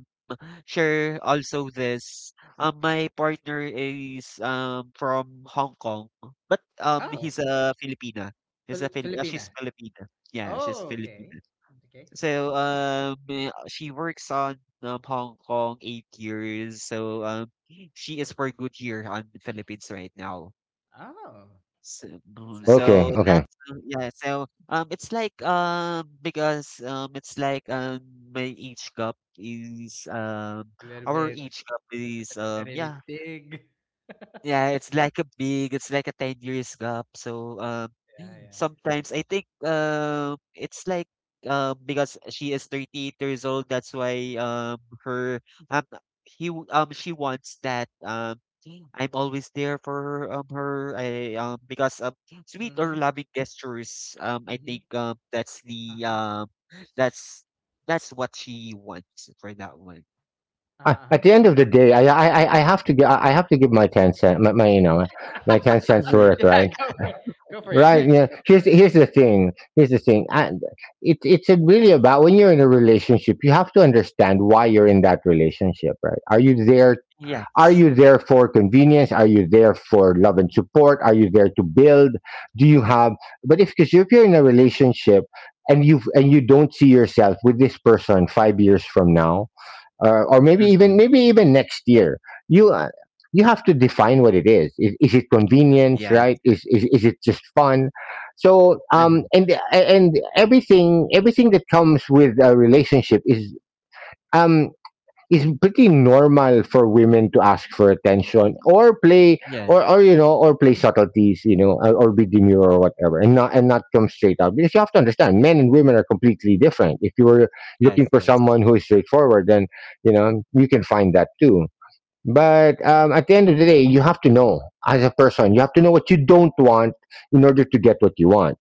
share also this. My partner is from Hong Kong, but, Oh, he's a Filipina. Filipina. She's Filipina. Yeah, she's Oh, okay. Filipina. Okay. So, she works on, Hong Kong 8 years. So, she is for good year on the Philippines right now. Oh, So, that's mm, nice. so Okay. Okay. that's, yeah. So, it's like, because, it's like, my age gap is, A little our bit, age gap is, a little bit yeah, big. yeah, it's like a 10 years gap. So, Yeah, yeah. sometimes I think, it's like, because she is 38 years old, that's why, um, she wants that, I'm always there for her, because, sweet or Mm-hmm. loving gestures, I Mm-hmm. think, Uh-huh. That's, that's what she wants for that one. I, at Uh-huh. the end of the day, I have to I have to give my 10 cent, my, my, you know, my Uh-huh. 10 cents Mhm. worth, Yeah, right. go for it. Go for it, Right. Rex. Yeah. Go for Here's, it. here's the thing. Here's the thing. And it, it's really about, when you're in a relationship, you have to understand why you're in that relationship, right? Are you there? Are Yes. you there for convenience? Are you there for love and support? Are you there to build? Do you have? But if, because if you're in a relationship and you, and you don't see yourself with this person 5 years from now, or maybe, even Hmm. maybe even next year, you uh, you have to define what it is. Is it convenience, Yes. right? Is it just fun? So Hmm. And everything, everything that comes with a relationship is, um it's pretty normal for women to ask for attention or play, Yes. Or you know, or play subtleties, you know, or be demure or whatever, and not, and not come straight out, because you have to understand, men and women are completely different. If you were looking Yes, for yes. someone who is straightforward, then you know you can find that too. But at the end of the day, you have to know as a person, you have to know what you don't want in order to get what you want,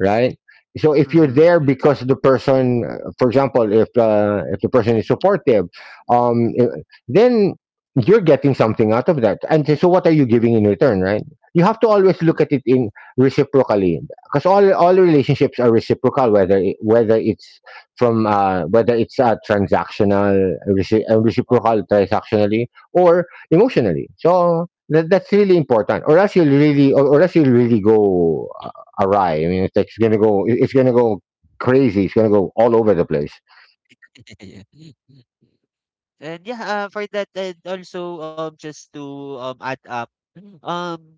right? So if you're Mhm. there Yeah. because the person, for example, if the person is supportive, um, i- then you're getting something out of that. And so, what are you giving in return, right? You have to always Yes, look at it yes. in reciprocally, because all relationships are reciprocal, whether it, whether it's from whether it's a transactional, reciprocal Uh-huh. transactionally, or emotionally. So that, that's really important, or else you'll really, or else you'll really go awry. I mean, it's like, it's gonna go crazy. It's gonna go all over the place. Yeah. And yeah, for that and also, just to add up, um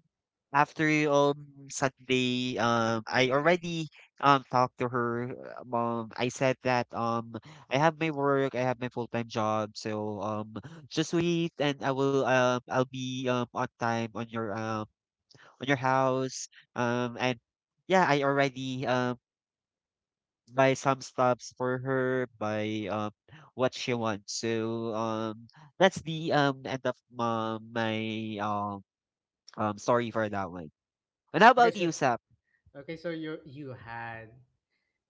after, Sunday, I already talked to her, um, I said that I have my work, I have my full-time job, so just wait and I'll be on time on your, on your house. And yeah, I already buy some stuffs for her, buy, what she wants. So that's the end of my story for that one. And how Okay, about so you, Sap? okay, so you had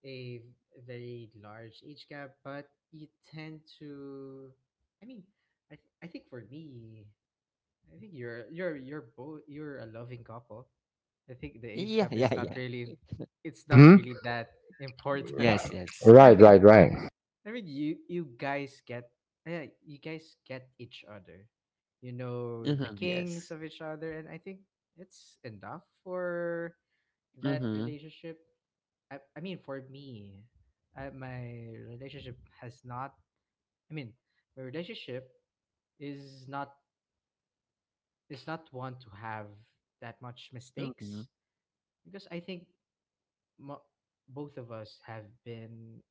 a very large age gap, but you tend to, I mean, I think for me, I think you're both, you're a loving couple. I think the age Yeah, gap yeah, is not yeah. really it's not Mm-hmm. really that important. Yes, yes. I Right, mean, right, right. You you guys get, yeah, you guys get each other. You know the Mm-hmm, kings yes. of each other, and I think it's enough for that Mm-hmm. relationship. I mean for me, my relationship has not, I mean my relationship is not, is not one to have that much Mm-hmm. mistakes, because I think mo- both of us have been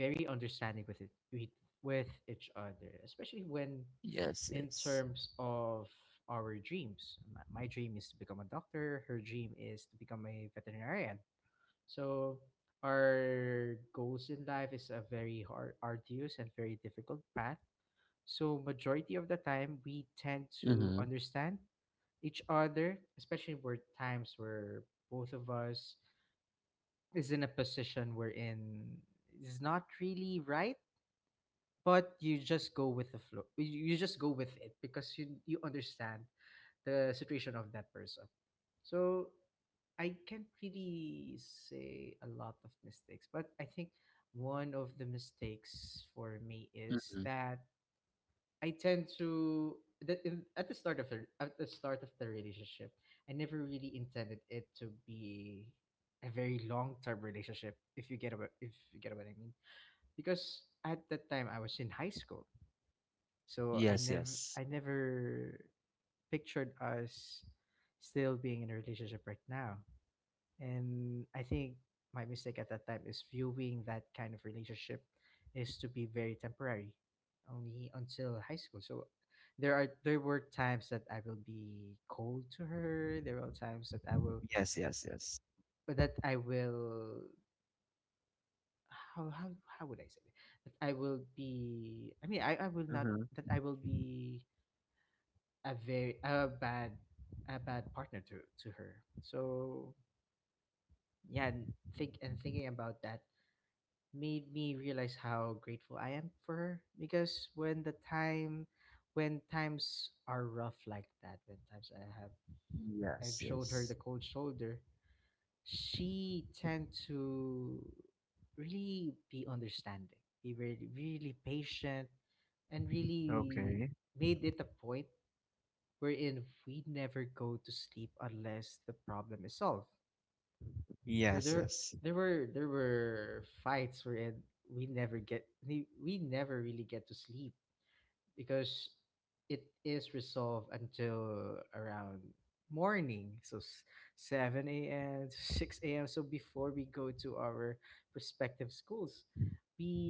very understanding with it, with each other, especially when Yes, in yes. terms of our dreams. My dream is to become a doctor. Her dream is to become a veterinarian. So our goals in life is a very hard, arduous, and very difficult path. So majority of the time we tend to Mm-hmm. understand each other, especially where times where both of us is in a position wherein is not really right, but you just go with the flow. You just go with it because you understand the situation of that person. So I can't really say a lot of mistakes, but I think one of the mistakes for me is Mm-hmm. that I tend to that in, at the start of the relationship, I never really intended it to be a very long term relationship. If you get what I mean, because at that time I was in high school, so I Yes, never yes. I never pictured us still being in a relationship right now. And I think my mistake at that time is viewing that kind of relationship is to be very temporary, only until high school. So there were times that I will be cold to her. There are times that I will Yes, yes, yes. but that I will how would I say it? That I will be I will not Mm-hmm. that I will be a very a bad partner to her. So yeah, and thinking about that made me realize how grateful I am for her because when times are rough like that when times I've Yes, shown her yes. the cold shoulder, she tend to really be understanding, be really, really patient and really Okay. made it a point wherein we never go to sleep unless the problem is solved. So Yes, there yes. there were there were fights wherein we never really get to sleep because it is resolved until around morning. So 7 a.m. to 6 a.m., so before we go to our respective schools,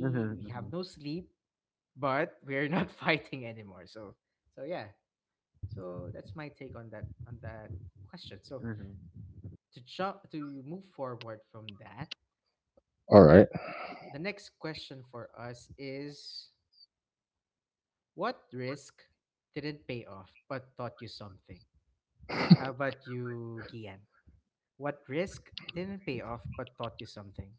Mm-hmm, we have mm-hmm, no sleep, but we're not fighting anymore. So so yeah, so that's my take on that question. So mm-hmm. to jump to move forward from that, All right. the next question for us is, what risk didn't pay off but taught you something? How about you, Gian? What risk didn't pay off but taught you something?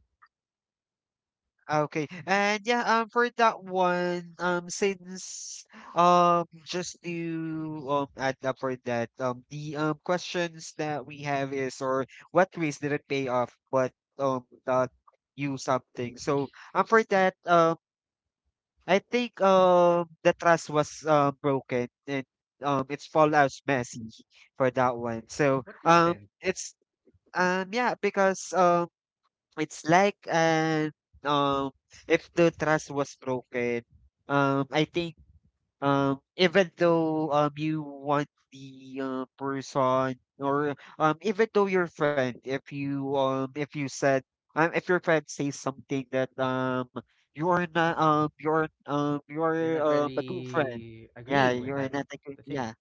Okay. And yeah, for that one, since, just to add up for that, the questions that we have is, or what ways did it pay off but taught you something. So, for that, I think the trust was broken and it's fallout messy for that one. So What happened? it's, yeah, because, it's like, um, if the trust was broken, I think even though you want the, person, or even though your friend, if you, if you said if your friend says something that, you're not, you're You're you're not a good friend. really Yeah, agreeing with you're that not a good. the thing, Yeah,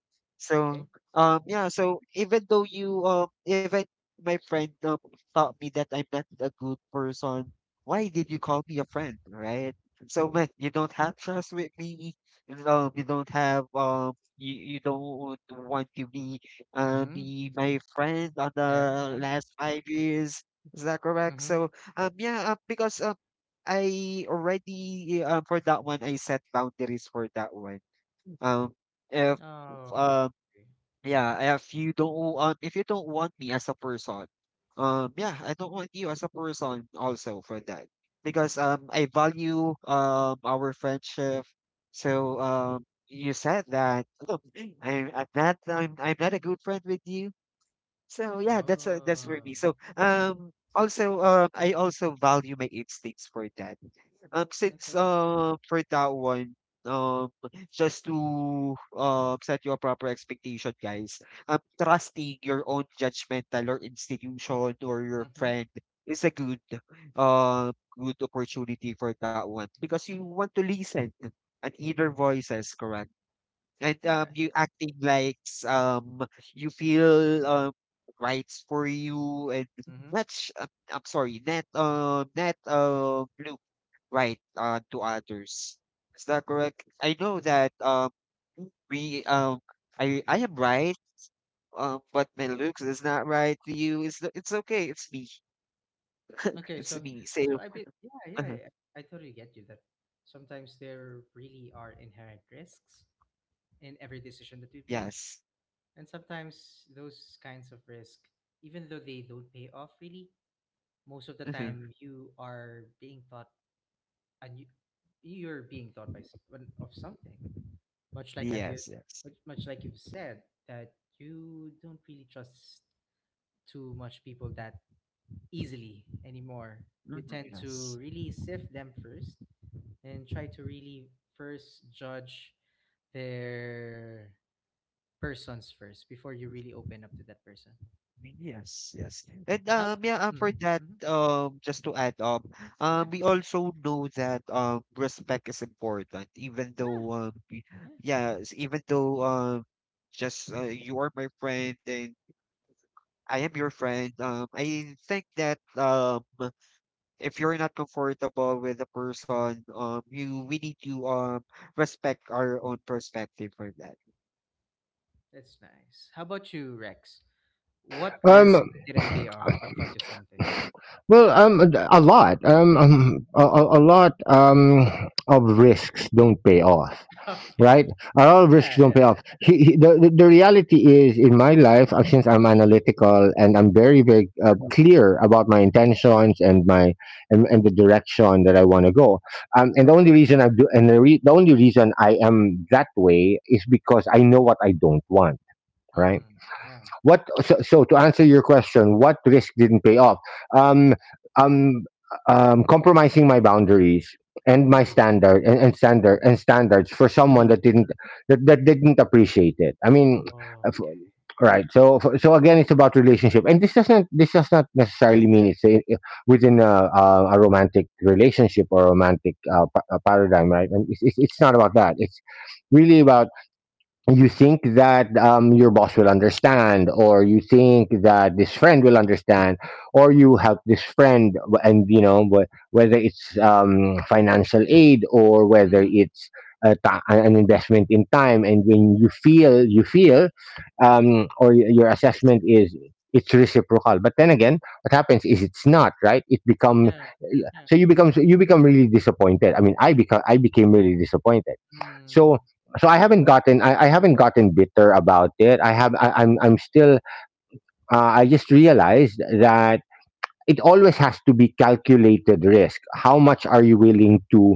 okay? so yeah, so even though you, even my friend, taught me that I'm not a good person. Why did you call me a friend, right? So man, you don't have trust with me. No, you don't have, you don't want to be uh Mm-hmm. be my friend on Yeah, the yeah. last 5 years. Is that correct? Mm-hmm. So yeah, because, I already, for that one I set boundaries for that one. Um if Oh, um okay. yeah, if you don't want me as a person, yeah, I don't want you as a person also for that, because, I value our friendship. So, you said that, look, I'm at that time I'm not a good friend with you. So yeah, that's for Oh, me. So, okay. Also I also value my instincts for that. Since, Okay. For that one, um just to, set you a proper expectation, guys. Trusting your own judgmental or institution or your Mm-hmm. friend is a uh good opportunity for that one, because you want to listen and either voices, correct. And, Yeah. you acting like, um you feel, rights for you and Mm-hmm. not, I'm sorry, net net right, to others. Is that correct? I know that, we I am right, but my looks is not right to you. It's okay. It's me. Okay, It's so me. So, so I be yeah, yeah, I totally get you that sometimes there really are inherent risks in every decision that we make, yes. and sometimes those kinds of risk, even though they don't pay off really, most of the time you are being taught and you're being taught by s- one- of something. Much like have you, Yes. Yes. much like you've said that you don't really trust too much people that easily anymore. Mhm, You tend yes. to really sift them first and try to really first judge their persons first before you really open up to that person. Yes, yes. And, How? Yeah, for Mm-hmm, that, mm-hmm. Just to add up, Yeah, we also know that respect is important, even yeah, though, yeah. yes, even though, just you are my friend and I am your friend. I think that if you're not comfortable with a person, you we need to respect our own perspective for that. That's nice. How about you, Rex? What Um. risk didn't pay off but taught you something? Well, a lot, a, a lot, of risks don't pay off, Okay. right? A lot of risks Yeah, don't pay yeah. off. The reality is, in my life, since I'm analytical and I'm very, very clear about my intentions and my and the direction that I want to go. And the only reason I do and the only reason I am that way is because I know what I don't want, right? Mm-hmm. Yeah. So to answer your question, what risk didn't pay off? Um, um, Compromising my boundaries and my Oh. standard and, and standard Mm-hmm. and standards for someone Mm-hmm. that didn't that didn't appreciate it. I mean, if- Okay. right. So again, it's about relationship, and this does not necessarily Yes, mean yes, within a romantic relationship or a romantic paradigm, right? And it's, it's not about that. It's really about you think that your boss will understand or you think that this friend will understand or you help this friend and whether it's financial aid or whether Mm-hmm. it's an investment in time and when you feel or your assessment yes. is it's reciprocal, but then again what happens is it's not, right? It become, Yeah. Yeah. so you become, so you become really disappointed. I mean I became really disappointed. Mm. So I haven't gotten bitter about it. I'm I'm still I just realized that it always has to be calculated risk. How much are you willing to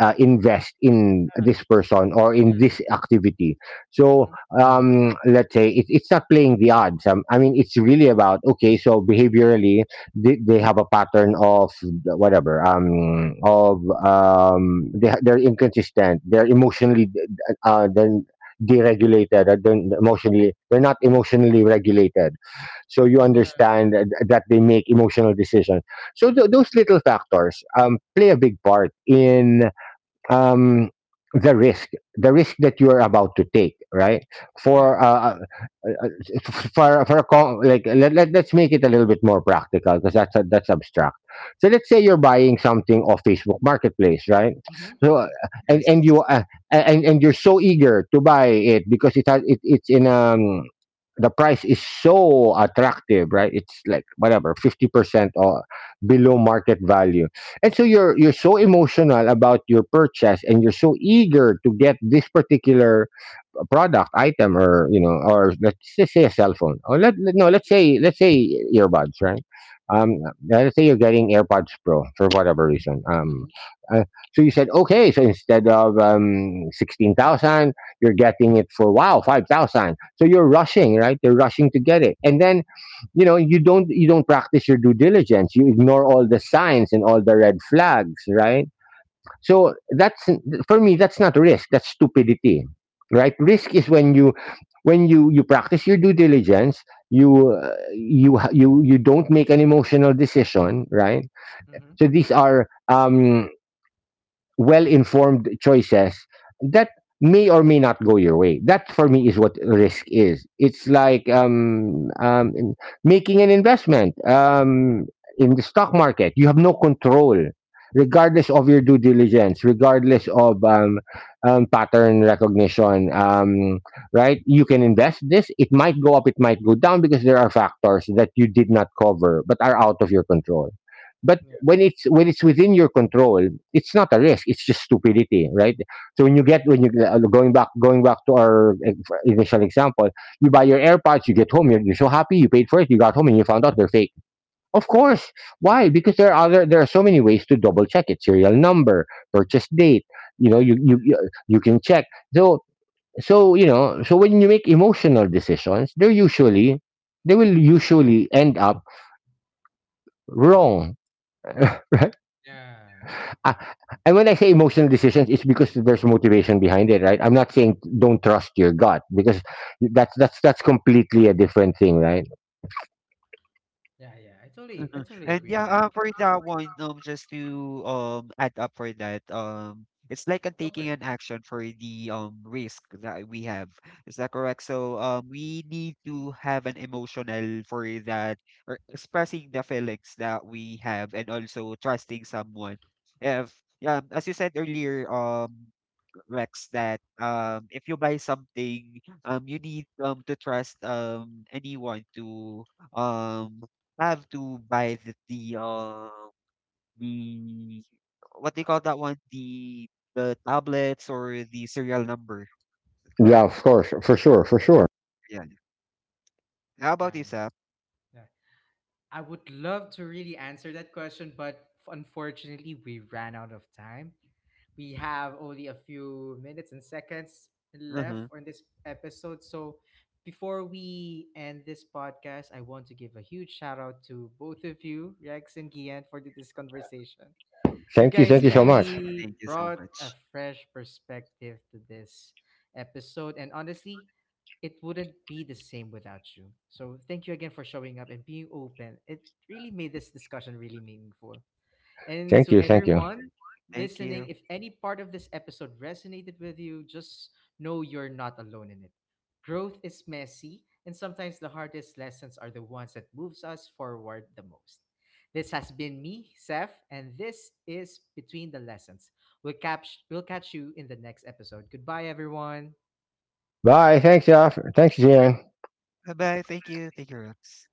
invest in this person or in Yeah. this activity? So Mm-hmm. Mm-hmm. Let's say it's not playing the odds. I mean, it's really about, okay. So behaviorally, they have a pattern of whatever. Of they're inconsistent. They're emotionally then deregulated. They're emotionally, they're not emotionally regulated, so you Yeah. understand that they make emotional decisions. So those little factors play a big part in um, the risk the risk that you are about to take, right? For Yeah. For like let's make it a little bit more practical, because that's abstract. So let's say you're buying something off Facebook Marketplace, right? Mm-hmm. So Okay. Yes. and you and you're so eager to buy it because it's in, the price is so attractive, right? It's like whatever 50% or Mm-hmm. below market value. And so you're so emotional about your purchase and you're so eager to get this particular a product item, or you know, or let's just say a cell phone, or let, let- no let's say let's say earbuds, right? um uh, let's say you're getting AirPods Pro for whatever reason. Mm-hmm. uh, so you said, okay, so instead of 16,000, you're getting it for, wow, 5,000. So you're rushing, right? You're rushing to get it, and then you know you don't practice your due diligence, you ignore all the signs and all the red flags, right? So that's, for me, that's not risk, that's stupidity. Right? Risk is when you practice your due diligence, you you you don't make an emotional decision, right? Mm-hmm. So these are well informed choices that may or may not go your way. That for me is what risk is. It's like making an investment in the stock market. You have no control, regardless of your due diligence, regardless of pattern recognition. Right? You can invest this. It might go up, it might go down, because there are factors that you did not cover but are out of your control. But Yeah. When it's within your control, it's not a risk, it's just stupidity, right? So when you True. get when you going back to our initial example, you buy your AirPods, you get home, you're so happy, you paid for it, you got home and you found out they're fake. Of course. Why? Because there are so many ways to double check it: serial number, purchase date. You know, Yeah. You can check. So, so you know, so when you make emotional decisions, they're usually, they will usually end up wrong. Yeah, yeah. Ah, and when I say emotional decisions, it's because there's motivation behind it, right? I'm not saying don't trust your gut, because that's that's completely a different thing, right? Yeah, yeah. I Mhm. totally And agree yeah, with you. For that one, just to add up for that, it's like a Go for taking it. an action for the risk that we have. Is that correct? So, we need to have an emotional for that, or expressing the feelings that we have, and also trusting someone. If Yeah, as you said earlier. Rex, that, if you buy something, you need to trust anyone to um have to buy the what they call that one, the tablets or the serial number, Yeah, correct? of course, for sure, for sure. Yeah. How about you, Nice. Sap? Yeah. I would love to really answer that question, but unfortunately we ran out of time. We have only a few minutes and seconds left Uh-huh. on this episode. So before we end this podcast, I want to give a huge shout out to both of you, Rex and Gian, for this conversation. You Thank guys you so Yes. much. really Thank you so brought a much. fresh perspective to this episode. And honestly, it wouldn't be the same without you. So thank you again for showing up and being open. It really made this discussion really meaningful. And Thank to you, thank you. everyone Thank listening, you. if any part of this episode resonated with you, just know you're not alone in it. Growth is messy, and sometimes the hardest lessons are the ones that moves us forward the most. This has been me, Seth, and this is Between the Lessons. We'll catch you in the next episode. Goodbye everyone. Bye. Thanks, Jeff. Thanks, Jan. Bye bye. Thank you. Thank you, Rex.